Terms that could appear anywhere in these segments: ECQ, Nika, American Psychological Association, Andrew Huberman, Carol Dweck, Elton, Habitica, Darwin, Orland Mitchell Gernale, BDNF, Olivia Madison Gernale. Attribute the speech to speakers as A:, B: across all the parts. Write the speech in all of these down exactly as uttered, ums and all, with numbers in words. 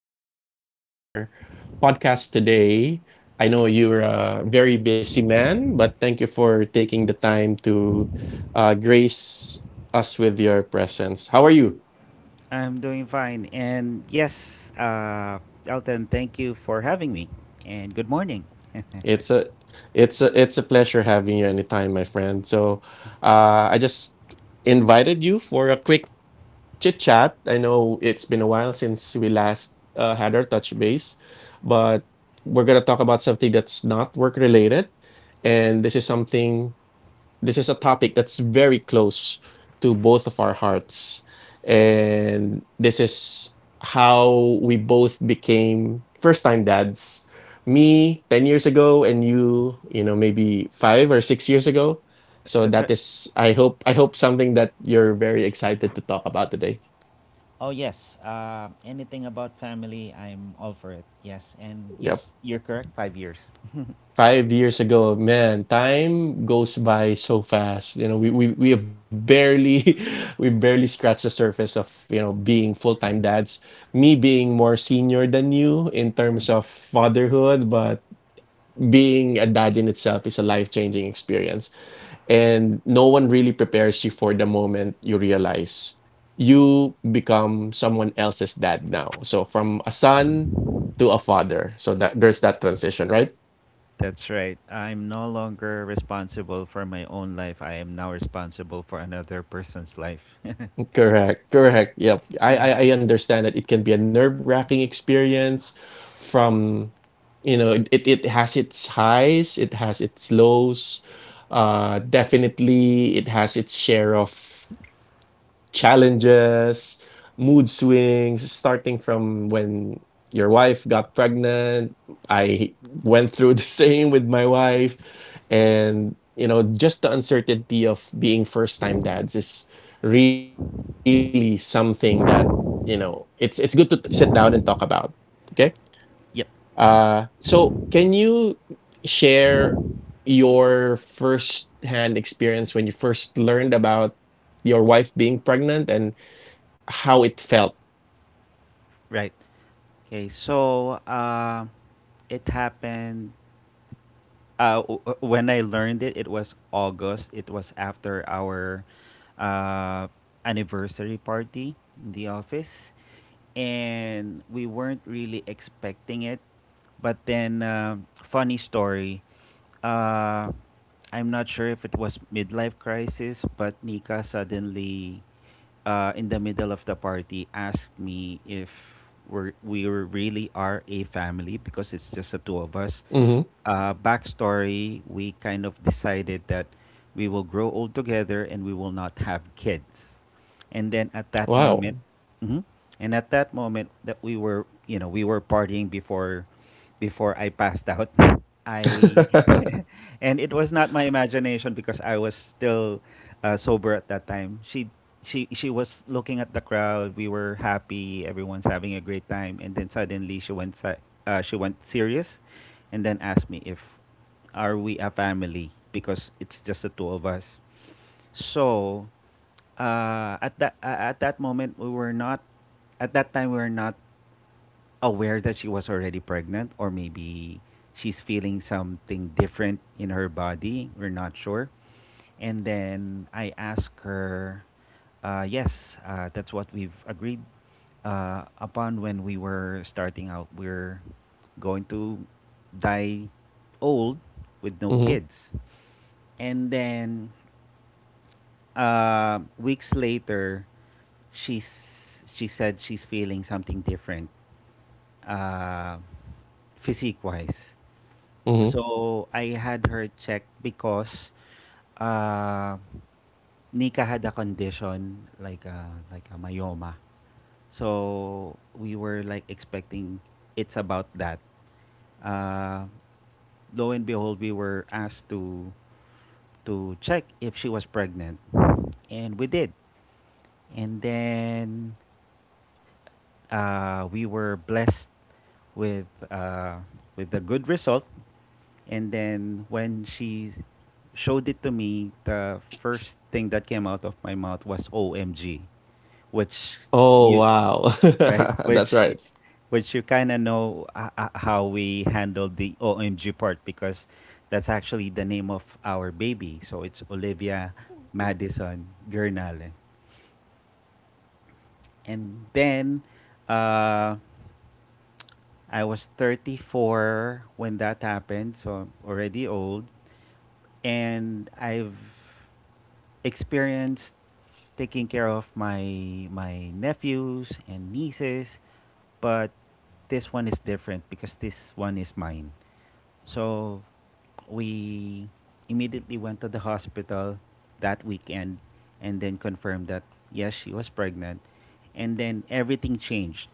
A: you for joining our podcast today. I know you're a very busy man, but thank you for taking the time to uh, grace us with your presence. How are you?
B: I'm doing fine. And yes, uh, Elton, thank you for having me. And good morning.
A: It's a it's a it's a pleasure having you anytime, my friend. So, uh, I just invited you for a quick chit chat. I know it's been a while since we last uh, had our touch base, but we're going to talk about something that's not work related. And this is something, This is a topic that's very close to both of our hearts. And this is how we both became first time dads. Me ten years ago and you, you know, maybe five or six years ago. So
B: That's right.
A: that is, I hope, I hope something that you're very excited to talk about today.
B: Oh, yes. Uh, anything about family, I'm all for it. Yes. And
A: Yep.
B: yes, you're correct. Five years.
A: Five years ago, man, time goes by so fast. You know, we we, we have barely we barely scratched the surface of, you know, being full-time dads. Me being more senior than you in terms
B: Mm.
A: of fatherhood, but being a dad in itself is a life-changing experience. And no one really prepares you for the moment you realize you become someone else's dad now. So from a son to a father. So that there's that transition, right?
B: That's right. I'm no longer responsible for my own life. I am now responsible for another person's life.
A: Correct, correct. Yep. I, I I understand that it can be a nerve-wracking experience from you know, it, it it has its highs, it has its lows. Uh definitely it has its share of challenges, mood swings, starting from when your wife got pregnant. I went through the same with my wife. And, you know, just the uncertainty of being first time dads is really something that, you know, it's it's good to t- sit down and talk about. Okay.
B: Yep.
A: Uh so can you share your first hand experience when you first learned about your wife being pregnant and how it felt.
B: Right. Okay. So uh, it happened uh, w- w- when I learned it, it was August. It was after our uh, anniversary party in the office, and we weren't really expecting it. But then, um funny story. Uh, I'm not sure if it was midlife crisis, but Nika suddenly, uh, in the middle of the party, asked me if we're, we were- really are a family because it's just the two of us.
A: Mm-hmm.
B: Uh, backstory, we kind of decided that we will grow old together and we will not have kids. And then at that moment,
A: Wow.
B: mhm, and at that moment that we were, you know, we were partying before before I passed out. I and it was not my imagination because I was still uh, sober at that time. She she she was looking at the crowd. We were happy. Everyone's having a great time. And then suddenly she went si- uh, she went serious, and then asked me if are we a family because it's just the two of us. So uh, at that uh, at that moment we were not at that time we were not aware that she was already pregnant, or maybe she's feeling something different in her body, we're not sure. And then I asked her, uh, yes, uh, that's what we've agreed uh, upon when we were starting out, we're going to die old with no
A: Mm-hmm.
B: kids. And then uh, weeks later, she's she said she's feeling something different, uh, physique wise
A: Mm-hmm.
B: So I had her checked because uh, Nika had a condition like a, like a myoma. So we were like expecting it's about that. Uh, lo and behold, we were asked to to check if she was pregnant, and we did. And then uh, we were blessed with uh, with a good result. And then when she showed it to me, the first thing that came out of my mouth was O M G, which
A: Oh
B: you
A: wow.
B: right,
A: That's
B: which
A: right.
B: which you kind of know uh, uh, how we handle the O M G part, because that's actually the name of our baby. So it's Olivia Madison Gernale. And then uh, I was thirty-four when that happened, so I'm already old. And I've experienced taking care of my my nephews and nieces, but this one is different because this one is mine. So we immediately went to the hospital that weekend and then confirmed that yes, she was pregnant, and then everything changed.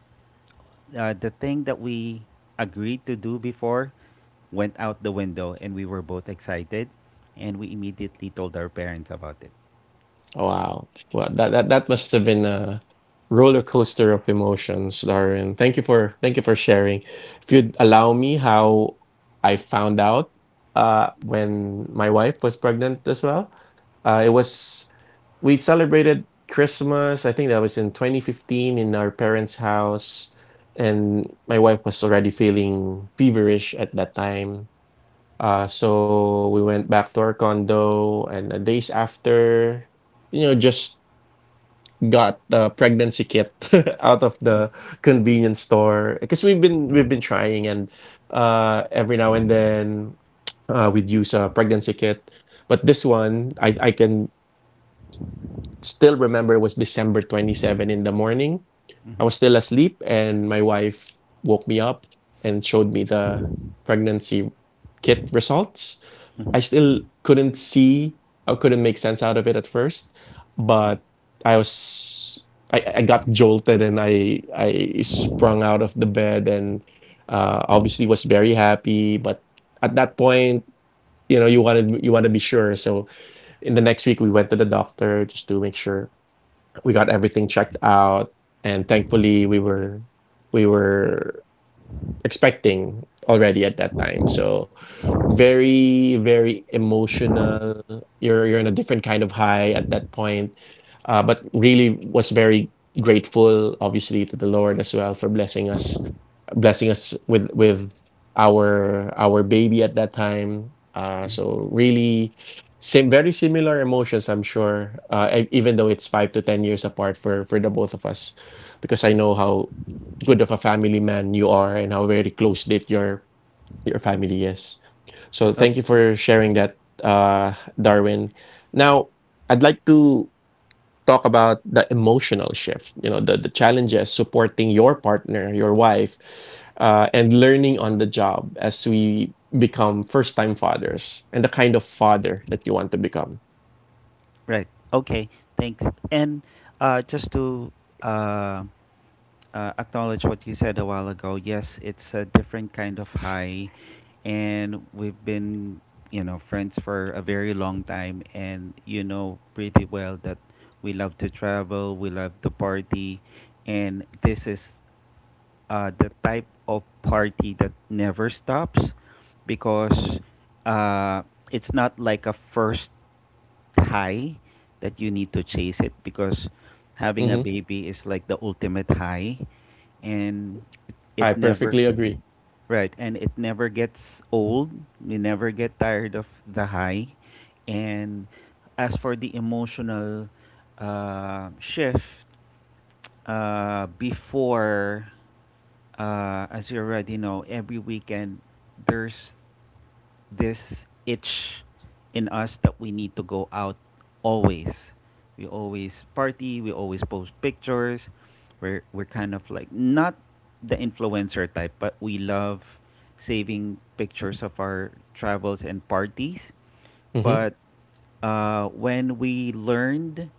B: Uh, the thing that we agreed to do before went out the window, and we were both excited, and we immediately told our parents about it.
A: Wow. Well, that that that must have been a roller coaster of emotions, Darren. Thank you for thank you for sharing. If you'd allow me how I found out uh when my wife was pregnant as well. Uh it was we celebrated Christmas. I think that was in twenty fifteen in our parents' house, and my wife was already feeling feverish at that time. Uh, so we went back to our condo, and uh, days after, you know, just got the pregnancy kit out of the convenience store because we've been we've been trying and uh every now and then uh we'd use a pregnancy kit, but this one i i can still remember it was December twenty-seventh in the morning. I was
B: Mm-hmm.
A: still asleep, and my wife woke me up and showed me the pregnancy kit results. I still couldn't see, I couldn't make sense out of it at first, but I was. I, I got jolted and I I sprung out of the bed and uh, obviously was very happy. But at that point, you know, you wanted you want to be sure. So in the next week, we went to the doctor just to make sure we got everything checked out and thankfully we were we were expecting already at that time. So very, very emotional. You're you're in a different kind of high at that point. Uh, but really was very grateful, obviously, to the Lord as well for blessing us, blessing us with with our our baby at that time. Uh, so really same very similar emotions I'm sure, uh, e- even though it's five to ten years apart for for the both of us because I know how good of a family man you are and how very close knit your your family is.
B: Uh,
A: So
B: uh,
A: thank you for sharing that, uh, Darwin. Now I'd like to talk about the emotional shift. You know the the challenges supporting your partner, your wife, uh, and learning on the job as we become first time fathers and the kind of father that you want to become.
B: right. Okay. Thanks. And uh, just to uh, uh, acknowledge what you said a while ago. Yes, it's a different kind of high, and we've been, you know, friends for a very long time, and you know pretty well that we love to travel, we love to party, and this is uh, the type of party that never stops, because uh, it's not like a first high that you need to chase, it because having
A: Mm-hmm.
B: a baby is like the ultimate high. And
A: I
B: it
A: perfectly
B: never
A: agree.
B: right and it never gets old. We never get tired of the high. And as for the emotional uh, shift, uh, before, uh, as you already know, every weekend there's this itch in us that we need to go out always. We always party, we always post pictures. We're, we're kind of like not the influencer type, but we love saving pictures of our travels and parties.
A: Hmm.
B: But uh, when we learned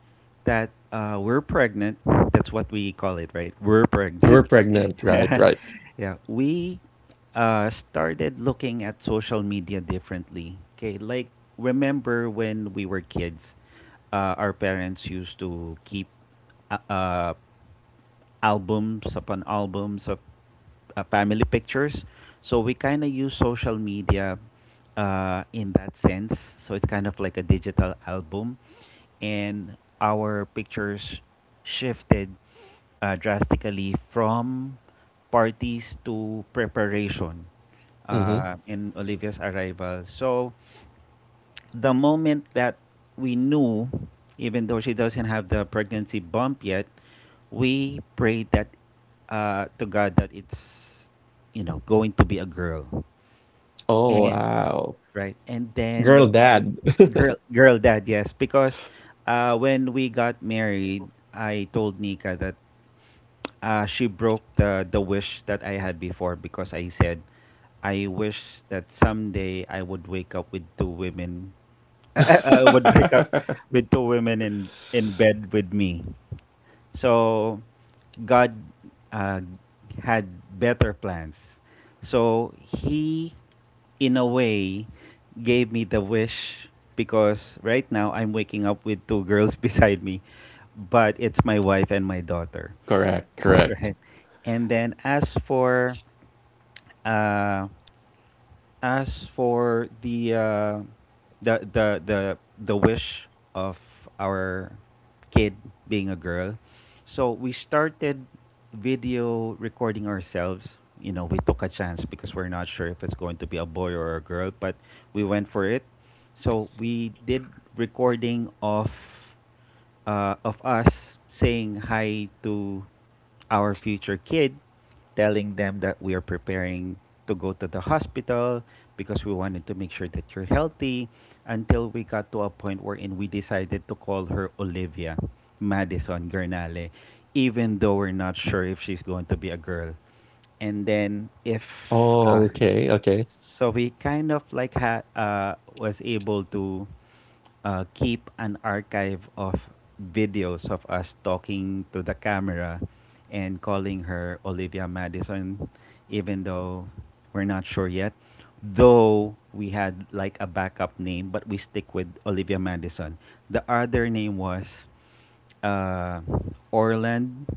B: that uh, we're pregnant — that's what we call it, right? We're
A: You were
B: pregnant.
A: pregnant, right?
B: Yeah,
A: Right.
B: yeah. we uh, started looking at social media differently. Okay, like, remember when we were kids, uh, our parents used to keep uh, uh, albums upon albums of uh, family pictures. So we kind of use social media uh, in that sense. So it's kind of like a digital album, and our pictures shifted uh, drastically from parties to preparation
A: Hmm.
B: uh, in Olivia's arrival. So the moment that we knew, even though she doesn't have the pregnancy bump yet, we prayed that uh, to God that it's, you know, going to be a girl.
A: Oh,
B: And
A: wow.
B: right, and
A: Girl
B: then
A: dad.
B: Girl, girl, dad, yes, because uh, when we got married, I told Nika that uh, she broke the the wish that I had before, because I said I wish that someday I would wake up with two women, I would wake up with two women in in bed with me. So God uh, had better plans. So he, in a way, gave me the wish, because right now I'm waking up with two girls beside me, but it's my wife and my daughter,
A: Correct.
B: right?
A: Correct.
B: And then as for uh, as for the uh, the the the the wish of our kid being a girl, so we started video recording ourselves. You know, we took a chance because we're not sure if it's going to be a boy or a girl, but we went for it. So we did recording of uh, of us saying hi to our future kid, telling them that we are preparing to go to the hospital because we wanted to make sure that you're healthy, until we got to a point wherein we decided to call her Olivia Madison Gernale, even though we're not sure if she's going to be a girl. And
A: Oh,
B: then
A: okay. Okay.
B: if uh, So we kind of like ha- uh, was able to uh, keep an archive of videos of us talking to the camera and calling her Olivia Madison, even though we're not sure yet. Though we had like a backup name, but we stick with Olivia Madison. The other name was uh, Orland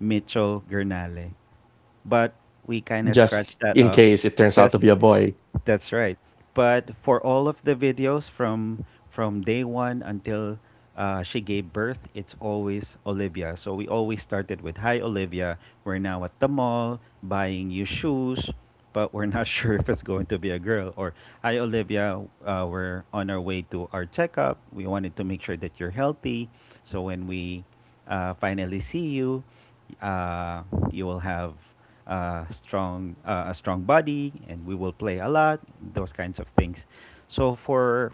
B: Mitchell Gernale,
A: Just
B: but
A: in
B: we
A: case it
B: kind of
A: turns out to
B: scratched
A: be a
B: that off.
A: boy.
B: Just that's right. But for all of the videos from from day one until uh, she gave birth, it's always Olivia. So we always started with "Hi Olivia. We're now at the mall buying you shoes, but we're not sure if it's going to be a girl." Or, "Hi Olivia, uh, we're on our way to our checkup. We wanted to make sure that you're healthy, so when we uh, finally see you, uh, you will have uh, strong uh, a strong body, and we will play a lot," those kinds of things. So for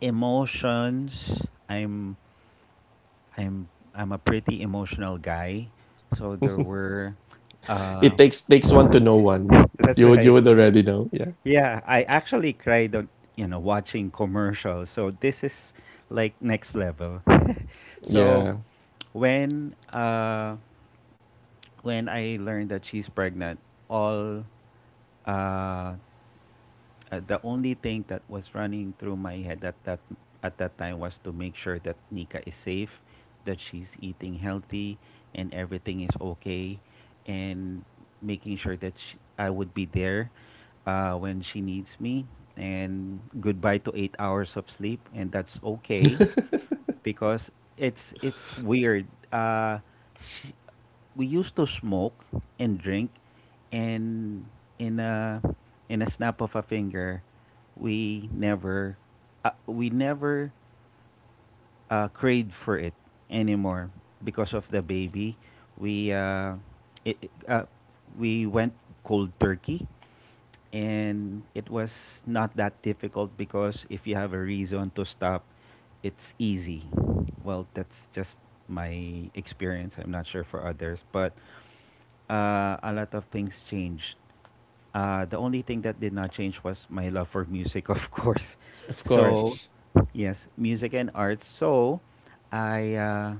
B: emotions, i'm i'm i'm a pretty emotional guy, so there were uh,
A: It takes takes one to know one.
B: that's
A: You would you
B: right.
A: would already know. Yeah.
B: Yeah, I actually cried on, you know, watching commercials, so this is like next level. So
A: Yeah.
B: when uh, when I learned that she's pregnant, all uh, uh, the only thing that was running through my head at that at that time was to make sure that Nika is safe, that she's eating healthy, and everything is okay, and making sure that sh I would be there uh, when she needs me, and goodbye to eight hours of sleep, and that's okay, because it's it's weird. Uh, we used to smoke and drink, and in a in a snap of a finger we never uh, we never uh, craved for it anymore because of the baby. we uh, it, it- uh, we went cold turkey, and it was not that difficult, because if you have a reason to stop, it's easy. Well, that's just my experience, I'm not sure for others, but uh, a lot of things changed. Uh, the only thing that did not change was my love for music, of course.
A: Of
B: So,
A: course.
B: yes, music and arts. So I uh,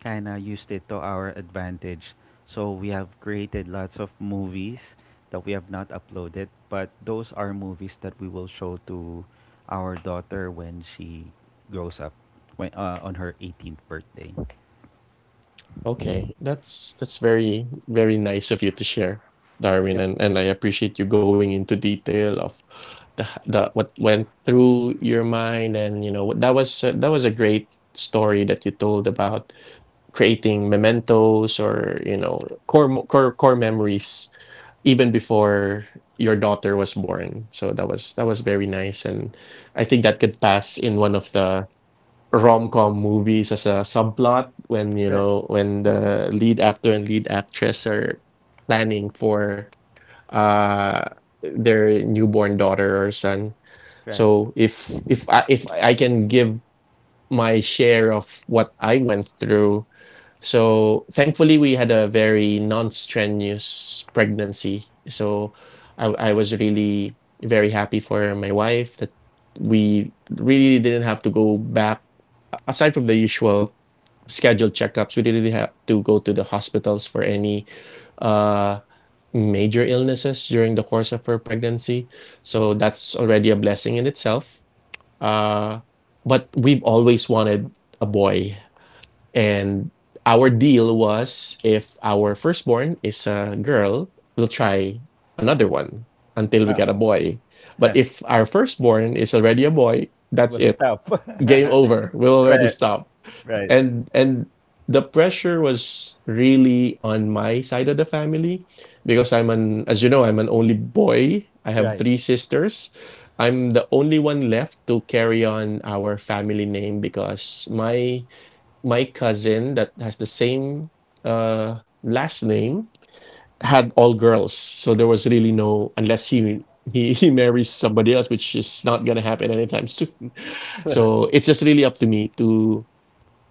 B: kind of used it to our advantage. So we have created lots of movies that we have not uploaded, but those are movies that we will show to our daughter when she grows up, when uh, on her eighteenth birthday.
A: Okay, that's that's very very nice of you to share, Darwin,
B: Yep.
A: and and I appreciate you going into detail of the h- the what went through your mind, and you know what- that was a- that was a great story that you told about creating mementos or you know core mo- core core memories even before your daughter was born. So that was that was very nice, and I think that could pass in one of the rom-com movies as a subplot when you
B: Right.
A: know when the lead actor and lead actress are planning for uh their newborn daughter or son.
B: Right.
A: So if if i if I can give my share of what I went through, so thankfully we had a very non-strenuous pregnancy. So i, I was really very happy for my wife that we really didn't have to go back aside from the usual scheduled checkups. We didn't really have to go to the hospitals for any uh, major illnesses during the course of her pregnancy. So that's already a blessing in itself. Uh, but we've always wanted a boy. And our deal was if our firstborn is a girl, we'll try another one until we
B: Ah.
A: get a boy. But
B: Yeah.
A: if our firstborn is already a boy, that's
B: Will
A: it.
B: stop.
A: Game over. We'll already
B: right,
A: stop.
B: right,
A: And and the pressure was really on my side of the family because I'm an as you know I'm an only boy. I have
B: right.
A: three sisters. I'm the only one left to carry on our family name because my my cousin that has the same uh last name
B: Mm.
A: had all girls. So there was really no unless he he, he marries somebody else, which is not gonna happen anytime soon. So it's just really up to me to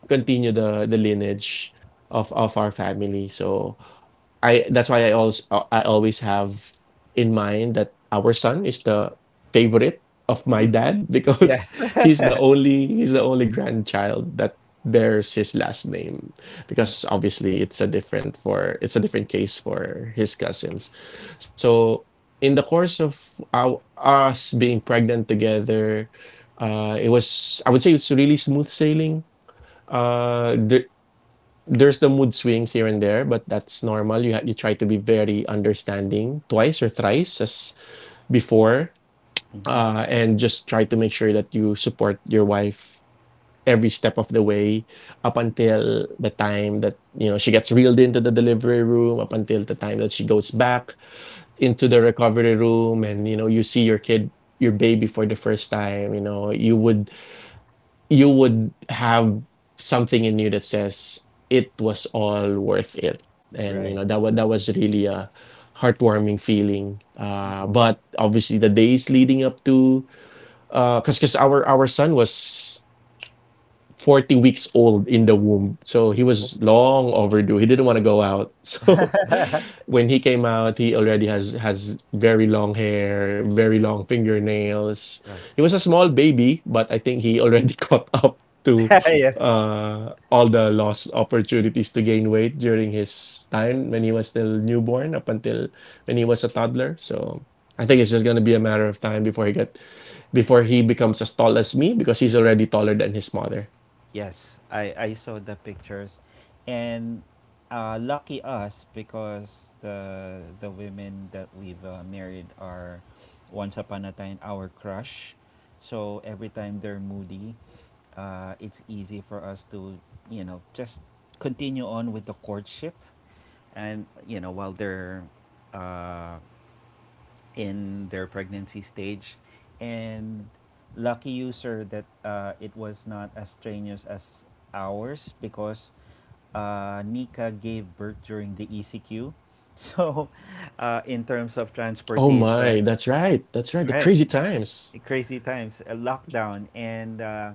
A: continue the the lineage of of our family. So I that's why I also I always have in mind that our son is the favorite of my dad because
B: Yes.
A: he's the only he's the only grandchild that bears his last name because obviously it's a different for it's a different case for his cousins. So in the course of our us being pregnant together, uh, it was I would say it's really smooth sailing, uh, there, there's the mood swings here and there, but that's normal. You ha- you try to be very understanding twice or thrice as before,
B: Mhm.
A: uh, and just try to make sure that you support your wife every step of the way up until the time that you know she gets reeled into the delivery room, up until the time that she goes back into the recovery room, and you know you see your kid, your baby for the first time. You know you would you would have something in you that says it was all worth it, and
B: Right.
A: you know that was that was really a heartwarming feeling. Uh but obviously the days leading up to because because our our son was forty weeks old in the womb. So he
B: Oh,
A: was long overdue. He didn't want to go out. So when he came out, he already has has very long hair, very long fingernails.
B: right.
A: He was a small baby, but I think he already caught up to
B: Yes.
A: uh, all the lost opportunities to gain weight during his time when he was still newborn up until when he was a toddler. So I think
B: Mhm.
A: it's just gonna be a matter of time before he get before he becomes as tall as me because he's already taller than his mother.
B: Yes, I, I saw the pictures, and uh, lucky us, because the the women that we've uh, married are once upon a time our crush. So
A: Mm-hmm.
B: every
A: True
B: time
A: that.
B: they're moody, uh, it's easy for us to, you know, just continue on with the courtship, and you know, while they're uh, in their pregnancy stage. And lucky user that uh, it was not as strenuous as ours, because uh, Nika gave birth during the E C Q.
A: Oh
B: So,
A: my, that's
B: uh, in
A: right.
B: terms of
A: That's right. The crazy
B: transportation,
A: times.
B: right, crazy times, a lockdown, and uh,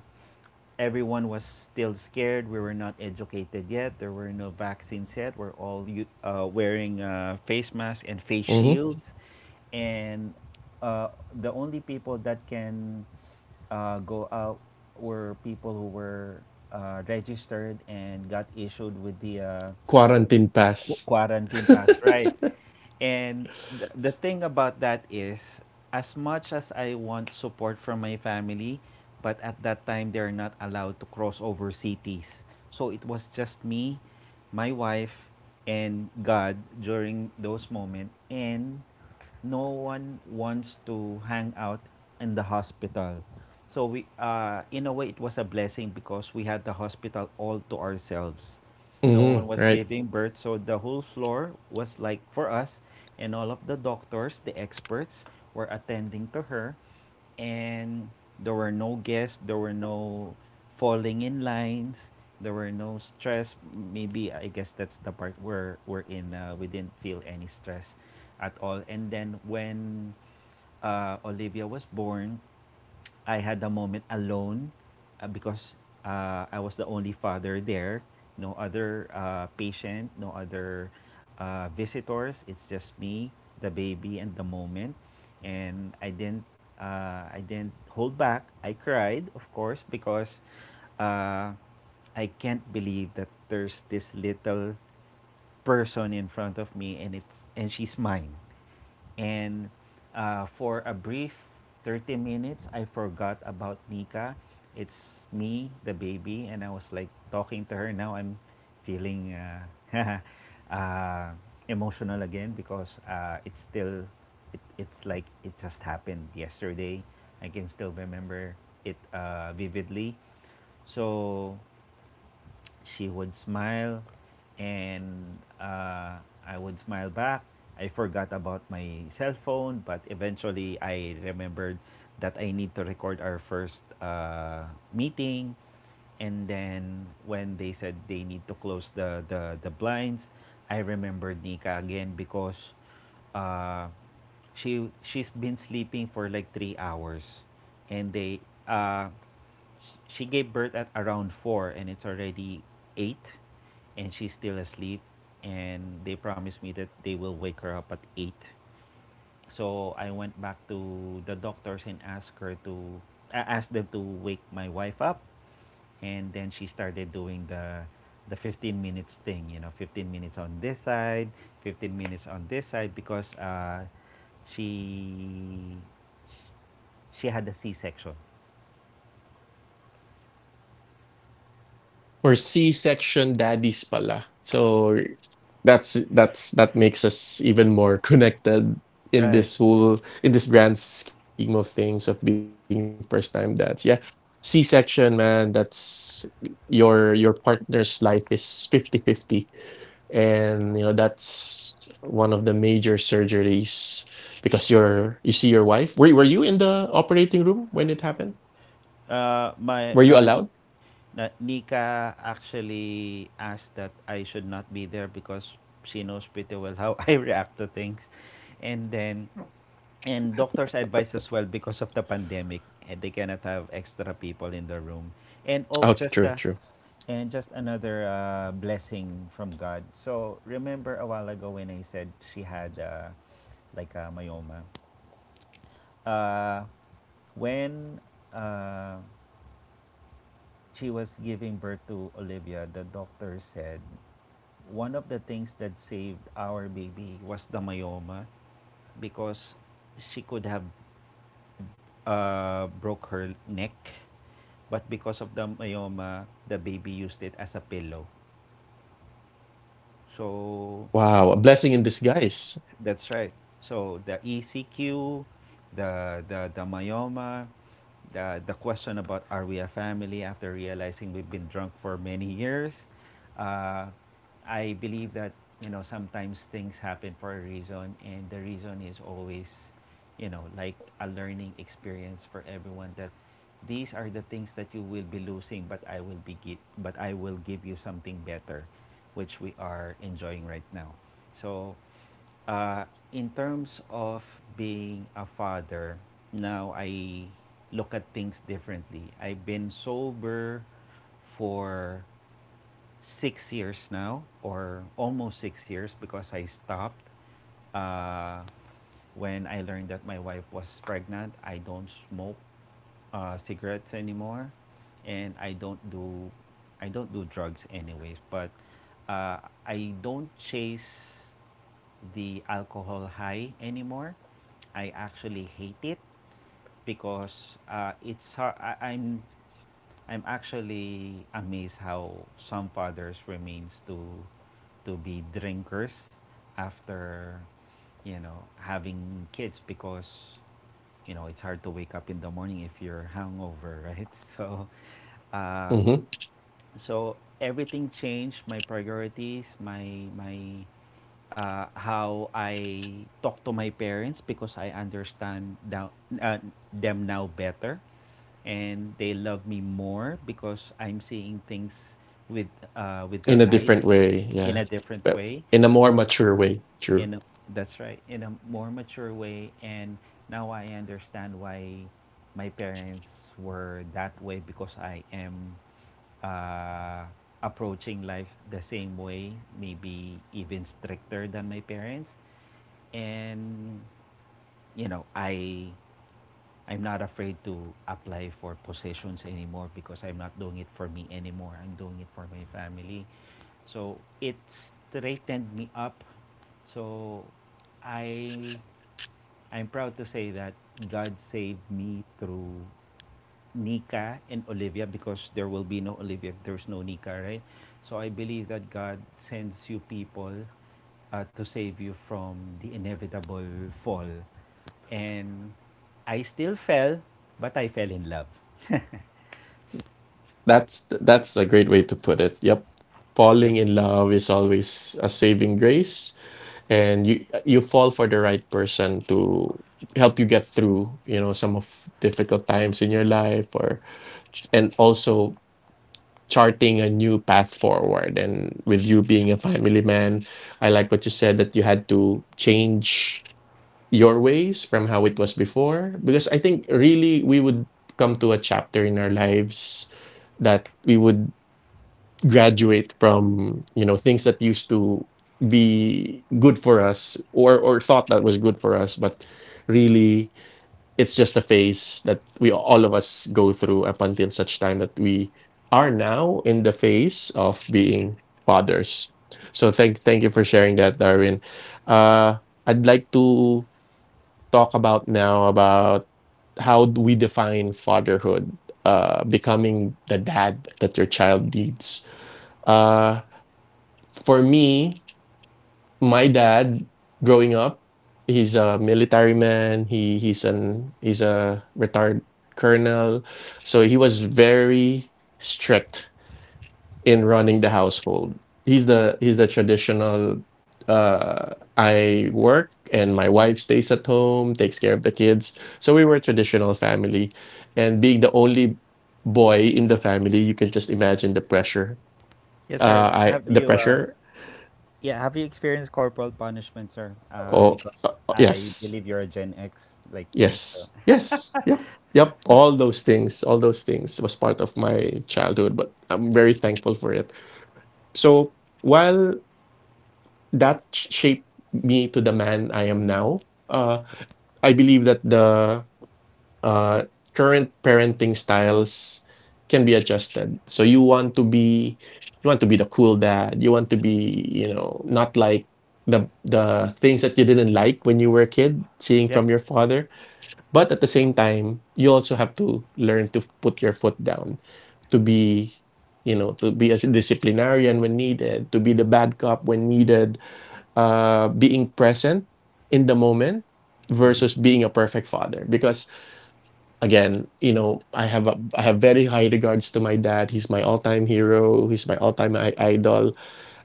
B: everyone was still scared. We were not educated yet. There were no vaccines yet. We're all u- uh, wearing uh, face masks and face
A: Mm-hmm.
B: shields and uh, the only people that can uh, go out were people who were uh, registered and got issued with the uh,
A: Quarantine
B: qu-
A: pass.
B: quarantine pass, right? And the, the thing about that is, as much as I want support from my family, but at that time they're not allowed to cross over cities. So it was just me, my wife, and God during those moments. And no one wants to hang out in the hospital. So we, uh, in a way, it was a blessing because we had the hospital all to ourselves. No
A: Mm-hmm.
B: one was
A: Right.
B: giving birth, so the whole floor was like for us, and all of the doctors, the experts, were attending to her, and there were no guests, there were no falling in lines, there were no stress. Maybe I guess that's the part where we're in. Uh, we didn't feel any stress at all. And then when uh, Olivia was born, I had a moment alone uh, because uh, I was the only father there. No other uh, patient, no other uh, visitors. It's just me, the baby, and the moment. And I didn't, uh, I didn't hold back. I cried, of course, because uh, I can't believe that there's this little person in front of me, and it's and she's mine. And uh, for a brief thirty minutes, I forgot about Nika. It's me, the baby, and I was like talking to her. Now I'm feeling uh, uh, emotional again because uh, it's still, it, it's like it just happened yesterday. I can still remember it uh, vividly. So she would smile and uh, I would smile back. I forgot about my cell phone, but eventually I remembered that I need to record our first uh, meeting. And then when they said they need to close the, the, the blinds, I remembered Nika again because uh, she she's been sleeping for like three hours, and they uh, she gave birth at around four and it's already eight and she's still asleep, and they promised me that they will wake her up at eight. So I went back to the doctors and asked her to I asked them to wake my wife up. And then she started doing the the fifteen minutes thing, you know, fifteen minutes on this side, fifteen minutes on this side, because uh she she had a c-section,
A: Or C-section daddies pala. So that's that's that makes us even more connected
B: right?
A: in this whole in this grand scheme of things of being first time dads. Yeah. C section, man, that's your your partner's life is fifty-fifty. And you know, that's one of the major surgeries because you're you see your wife. Were were you in the operating room when it happened?
B: uh my
A: Were you
B: uh
A: allowed?
B: Na, Nika actually asked that I should not be there because she knows pretty well how I react to things. And then, and doctors advise as well, because of the pandemic, eh, they cannot have extra
A: Oh,
B: people
A: true,
B: in the
A: true.
B: room. And oh, just a, and just another uh, blessing from God. So remember a while ago when I said she had uh, like a myoma. Uh, when uh, she was giving birth to Olivia, the doctor said one of the things that saved our baby was the myoma, because she could have uh, broke her neck, but because of the myoma, the baby used it as a pillow. So
A: Wow, a blessing in disguise.
B: that's right. So the E C Q, the the, the myoma, the, the question about are we a family after realizing we've been drunk for many years. Uh, I believe that, you know, sometimes things happen for a reason, and the reason is always, you know, like a learning experience for everyone that these are the things that you will be losing, but I will be give, but I will give you something better, which we are enjoying right now. So uh, in terms of being a father, now I look at things differently. I've been sober for six years now, or almost six years, because I stopped. Uh, when I learned that my wife was pregnant, I don't smoke uh, cigarettes anymore, and I don't do, I don't do drugs anyways. But uh, I don't chase the alcohol high anymore. I actually hate it because uh, it's har- I, I'm I'm actually amazed how some fathers remains to to be drinkers after, you know, having kids, because, you know, it's hard to wake up in the morning if you're hungover, right? So
A: Mhm.
B: uh, so everything changed my priorities, my my uh, how I talk to my parents, because I understand now, uh, them now better, and they love me more because I'm seeing things with uh, with their
A: In
B: eyes
A: a different
B: in a
A: way, yeah.
B: different way.
A: But in a more mature way,
B: in a,
A: true.
B: that's right, in a more mature way. And now I understand why my parents were that way, because I am uh, approaching life the same way, maybe even stricter than my parents. And you know, I I'm not afraid to apply for positions anymore, because I'm not doing it for me anymore, I'm doing it for my family. So it straightened me up. So i I'm proud to say that God saved me through Nika and Olivia, because there will be no Olivia if there's no Nika, right? So I believe that God sends you people uh, to save you from the inevitable fall. And I still fell, but I fell in love.
A: That's that's a great way to put it. Yep.
B: Yep.
A: Falling in love is always a saving grace and you you fall for the right person to help you get through, you know, some of difficult times in your life or and also charting a new path forward. And with you being a family man, I like what you said that you had to change your ways from how it was before. Because I think really we would come to a chapter in our lives that we would graduate from, you know, things that used to be good for us or or thought that was good for us, but really it's just a phase that we all of us go through up until such time that we are now in the phase of being fathers. So thank thank you for sharing that, Darwin. Uh, I'd like to talk about now about how do we define fatherhood, uh, becoming the dad that your child needs. Uh, for me, my dad growing up, he's a military man. He he's an he's a retired colonel. So he was very strict in running the household. He's the he's the traditional uh I work and my wife stays at home, takes care of the kids. So we were a traditional family. And being the only boy in the family, you can just imagine the pressure.
B: Yes, sir.
A: Uh I
B: Have
A: The
B: you, uh,
A: pressure.
B: yeah, have you experienced corporal punishment, sir? Uh,
A: Oh
B: because
A: uh,
B: I
A: yes.
B: believe you're a Gen X like me, so.
A: Yes. Yes. Yeah. Yep. All those things, all those things was part of my childhood, but I'm very thankful for it. So while that sh- shaped me to the man I am now, uh, I believe that the uh, current parenting styles can be adjusted. So you want to be you want to be the cool dad. You want to be, you know, not like the the things that you didn't like when you were a kid, seeing
B: Yep.
A: from your father, but at the same time, you also have to learn to put your foot down, to be, you know, to be a disciplinarian when needed, to be the bad cop when needed, uh, being present in the moment
B: Hmm.
A: versus being a perfect father. Because again, you know, I have a, I have very high regards to my dad. He's my all time hero. He's my all time idol,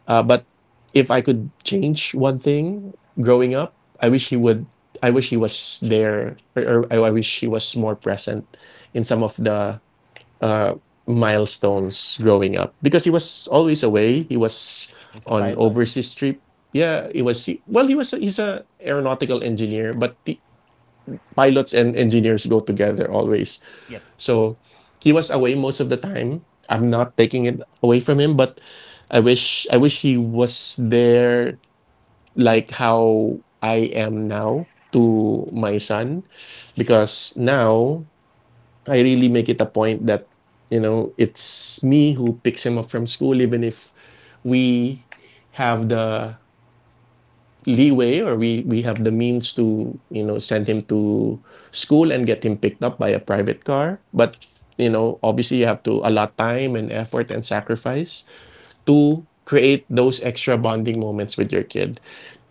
A: uh, but if I could change one thing growing up, I wish he would. I wish he was there, or, or I I wish he was more present in some of the uh, milestones growing up because he was always away. He was
B: As a
A: on
B: pilot.
A: overseas trip. Yeah, he was. he- Well, he was. He's a aeronautical engineer, but the pilots and engineers go together always.
B: Yep.
A: So he was away most of the time. I'm not taking it away from him, but I wish I wish he was there like how I am now to my son, because now I really make it a point that, you know, it's me who picks him up from school even if we have the leeway or we we have the means to, you know, send him to school and get him picked up by a private car, but you know, obviously you have to allot time and effort and sacrifice to create those extra bonding moments with your kid.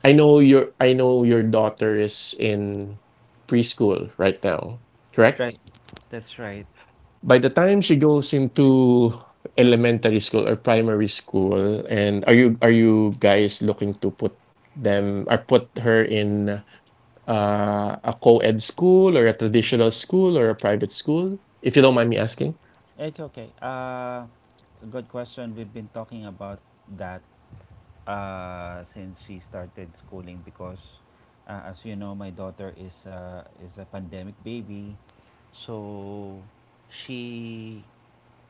A: I know your I know your daughter is in preschool right now,
B: Right.
A: correct?
B: That's right.
A: By the time she goes into elementary school or primary school, and are you are you guys looking to put them or put her in uh, a co-ed school or a traditional school or a private school? If you don't mind me asking.
B: It's okay. Uh, good question. We've been talking about that uh, since she started schooling, because uh, as you know, my daughter is uh, is a pandemic baby, so she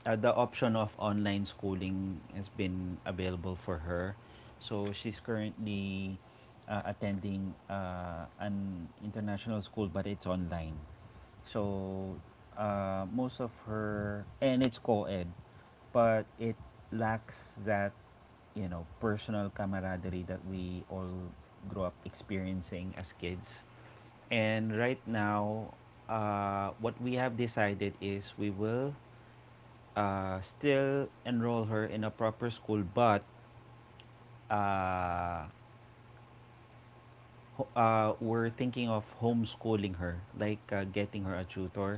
B: uh, the option of online schooling has been available for her. So she's currently uh, attending uh, an international school, but it's online. So uh, most of her, and it's co ed, but it lacks that, you know, personal camaraderie that we all grew up experiencing as kids. And right now, uh, what we have decided is we will uh, still enroll her in a proper school, but uh, ho- uh, we're thinking of homeschooling her, like uh, getting her a tutor,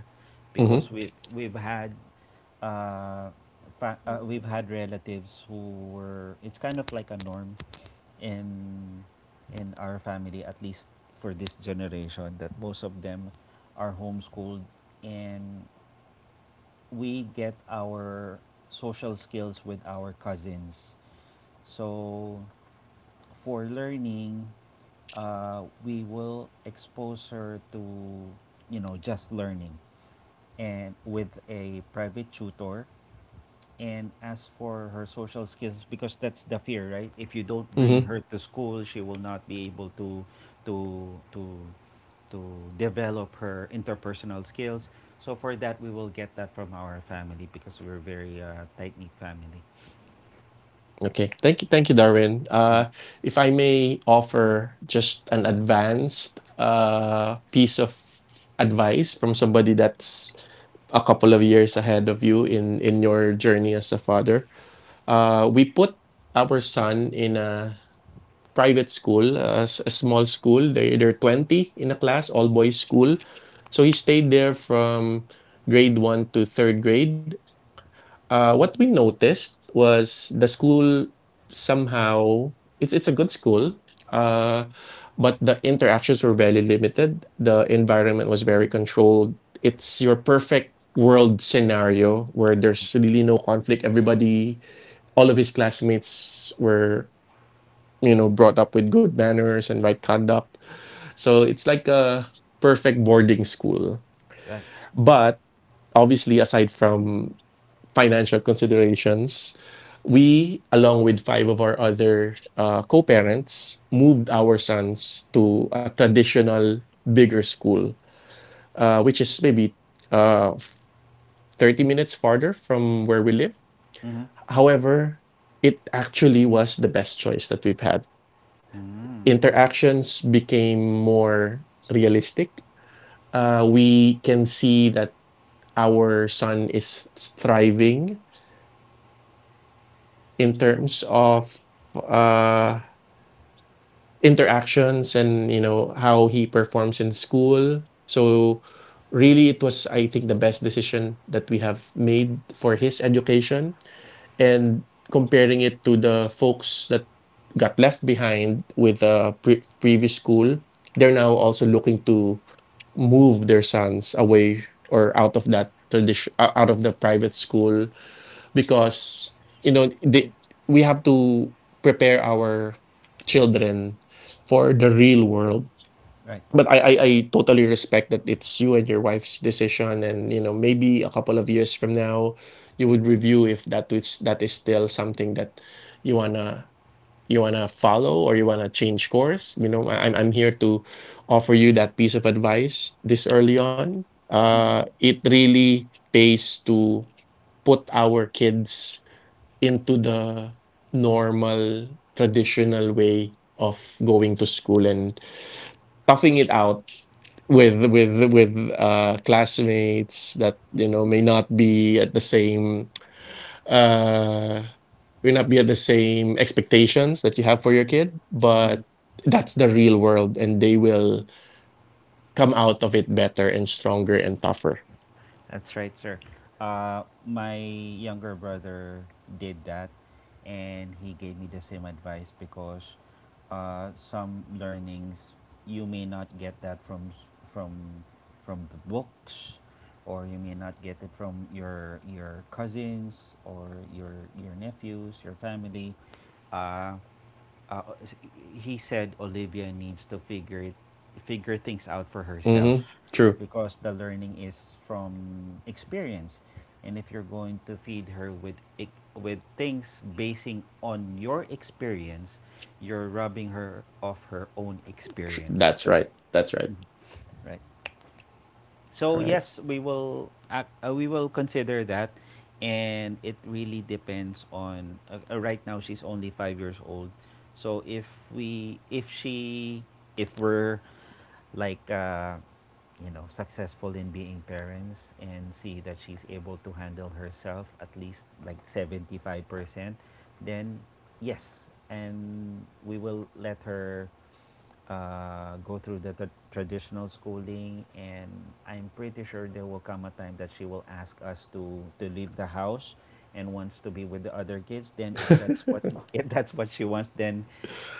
A: Mhm,
B: because we've we've had uh, fa- uh, we've had relatives who were. It's kind of like a norm in in our family, at least for this generation, that most of them are homeschooled, and we get our social skills with our cousins. So for learning, uh, we will expose her to, you know, just learning and with a private tutor. And as for her social skills, because that's the fear, right? If you don't bring
A: mhm.
B: her to school, she will not be able to, to, to, to develop her interpersonal skills. So for that, we will get that from our family because we're very uh, tight knit family.
A: Okay. Thank you, thank you, Darwin.
B: Mm.
A: Uh, if I may offer just an advanced uh piece of advice from somebody that's a couple of years ahead of you in in your journey as a father. Uh, we put our son in a private school, a a small school. They, they're twenty in a class, all boys school. So he stayed there from grade one to third grade. Uh, what we noticed was the school somehow, it's, it's a good school. Uh, but the interactions were very limited. The environment was very controlled. It's your perfect world scenario where there's really no conflict. Everybody All of his classmates were, you know, brought up with good manners and right conduct, so it's like a perfect boarding school,
B: Right.
A: but obviously aside from financial considerations, we along with five of our other uh, co-parents moved our sons to a traditional bigger school, uh, which is maybe uh, thirty minutes farther from where we live.
B: Mm-hmm.
A: However, it actually was the best choice that we've had.
B: Mm-hmm.
A: Interactions became more realistic. Uh, we can see that our son is thriving in terms of uh, interactions and, you know, how he performs in school. So really, it was I think the best decision that we have made for his education. And comparing it to the folks that got left behind with the pre- previous school, they're now also looking to move their sons away or out of that tradition uh, out of the private school, because you know they, we have to prepare our children for the real world.
B: Right.
A: But I, I i totally respect that it's you and your wife's decision, and you know, maybe a couple of years from now you would review if that is that is still something that you want to you want to follow or you want to change course. You know, I, i'm I'm here to offer you that piece of advice this early on. Uh
B: Mhm,
A: it really pays to put our kids into the normal traditional way of going to school and toughing it out with with with uh classmates that, you know, may not be at the same uh will not be at the same expectations that you have for your kid,
B: mhm.
A: but that's the real world and they will come out of it better and stronger and tougher.
B: That's right, sir. Uh, my younger brother did that, and he gave me the same advice because uh, some learnings you may not get that from s- from from the books, or you may not get it from your your cousins or your your nephews, your family. Uh, uh, he said Olivia needs to figure it, figure things out for
A: Mm-hmm.
B: herself,
A: True.
B: because the learning is from experience, and if you're going to feed her with ex- with things basing on your experience, you're rubbing her off her own
A: Tr-
B: experience,
A: That's right. That's right.
B: right?
A: All
B: So
A: right.
B: yes, we will ac- uh, we will consider that, and it really depends on. Uh, uh, right now, she's only five years old, so if we if she if we're like uh, you know, successful in being parents and see that she's able to handle herself at least like seventy five percent, then yes, and we will let her uh, go through the, the traditional schooling. And I'm pretty sure there will come a time that she will ask us to to leave the house and wants to be with the other kids. Then, if that's what if that's what she wants, then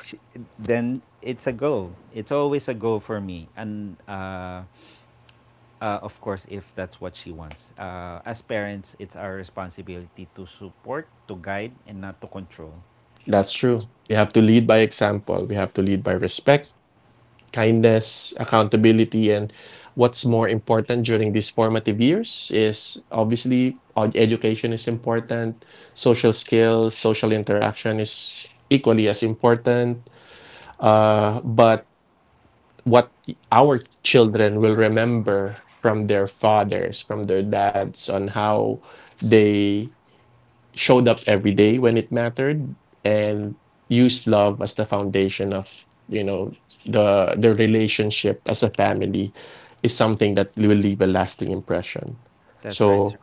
B: she, then it's a go. It's always a go for me, and uh, uh, of course, if that's what she wants. Uh, as parents, it's our responsibility to support, to guide, and not to control.
A: That's true. We have to lead by example. We have to lead by respect, kindness, accountability, and what's more important during these formative years is obviously, uh, education is important, social skills, social interaction is equally as important. Uh, but what our children will remember from their fathers, from their dads, on how they showed up every day when it mattered and used love as the foundation of, you know, the the relationship as a family is something that will leave a lasting impression.
B: That's right.
A: So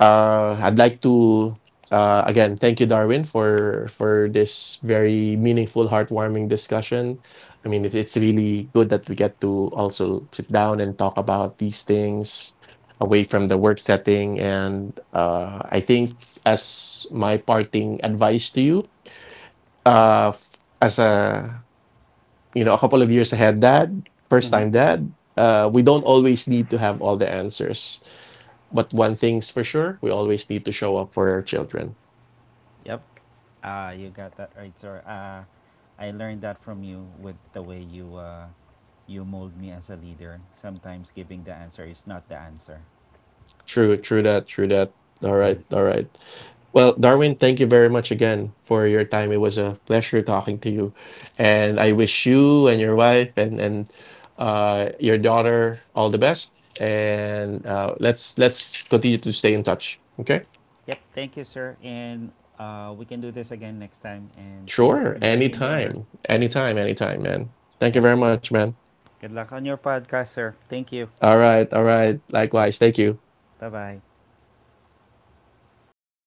A: uh, I'd like to uh, again thank you, Darwin, for for this very meaningful, heartwarming discussion. I mean, it, it's really good that we get to also sit down and talk about these things away from the work setting. And uh, I think as my parting advice to you, uh, f- as a, you know, a couple of years ahead dad, first time dad, uh, we don't always need to have all the answers, but one thing's for sure, we always need to show up for our children.
B: Yep. Uh, you got that right, sir. Uh, I learned that from you with the way you uh, you mold me as a leader. Sometimes giving the answer is not the answer.
A: True, true that, true that. All right,
B: Mhm.
A: all right. Well, Darwin, thank you very much again for your time. It was a pleasure talking to you. And I wish you and your wife and and uh, your daughter all the best. And uh, let's let's continue to stay in touch. Okay?
B: Yep. Thank you, sir. And uh, we can do this again next time. And thank you for
A: Sure.
B: inviting me over.
A: Anytime. Anytime, anytime, man.
B: Yeah.
A: Thank you very much, man.
B: Good luck on your podcast, sir. Thank you.
A: All right, all right.
B: Okay.
A: Likewise. Thank you.
B: Bye bye.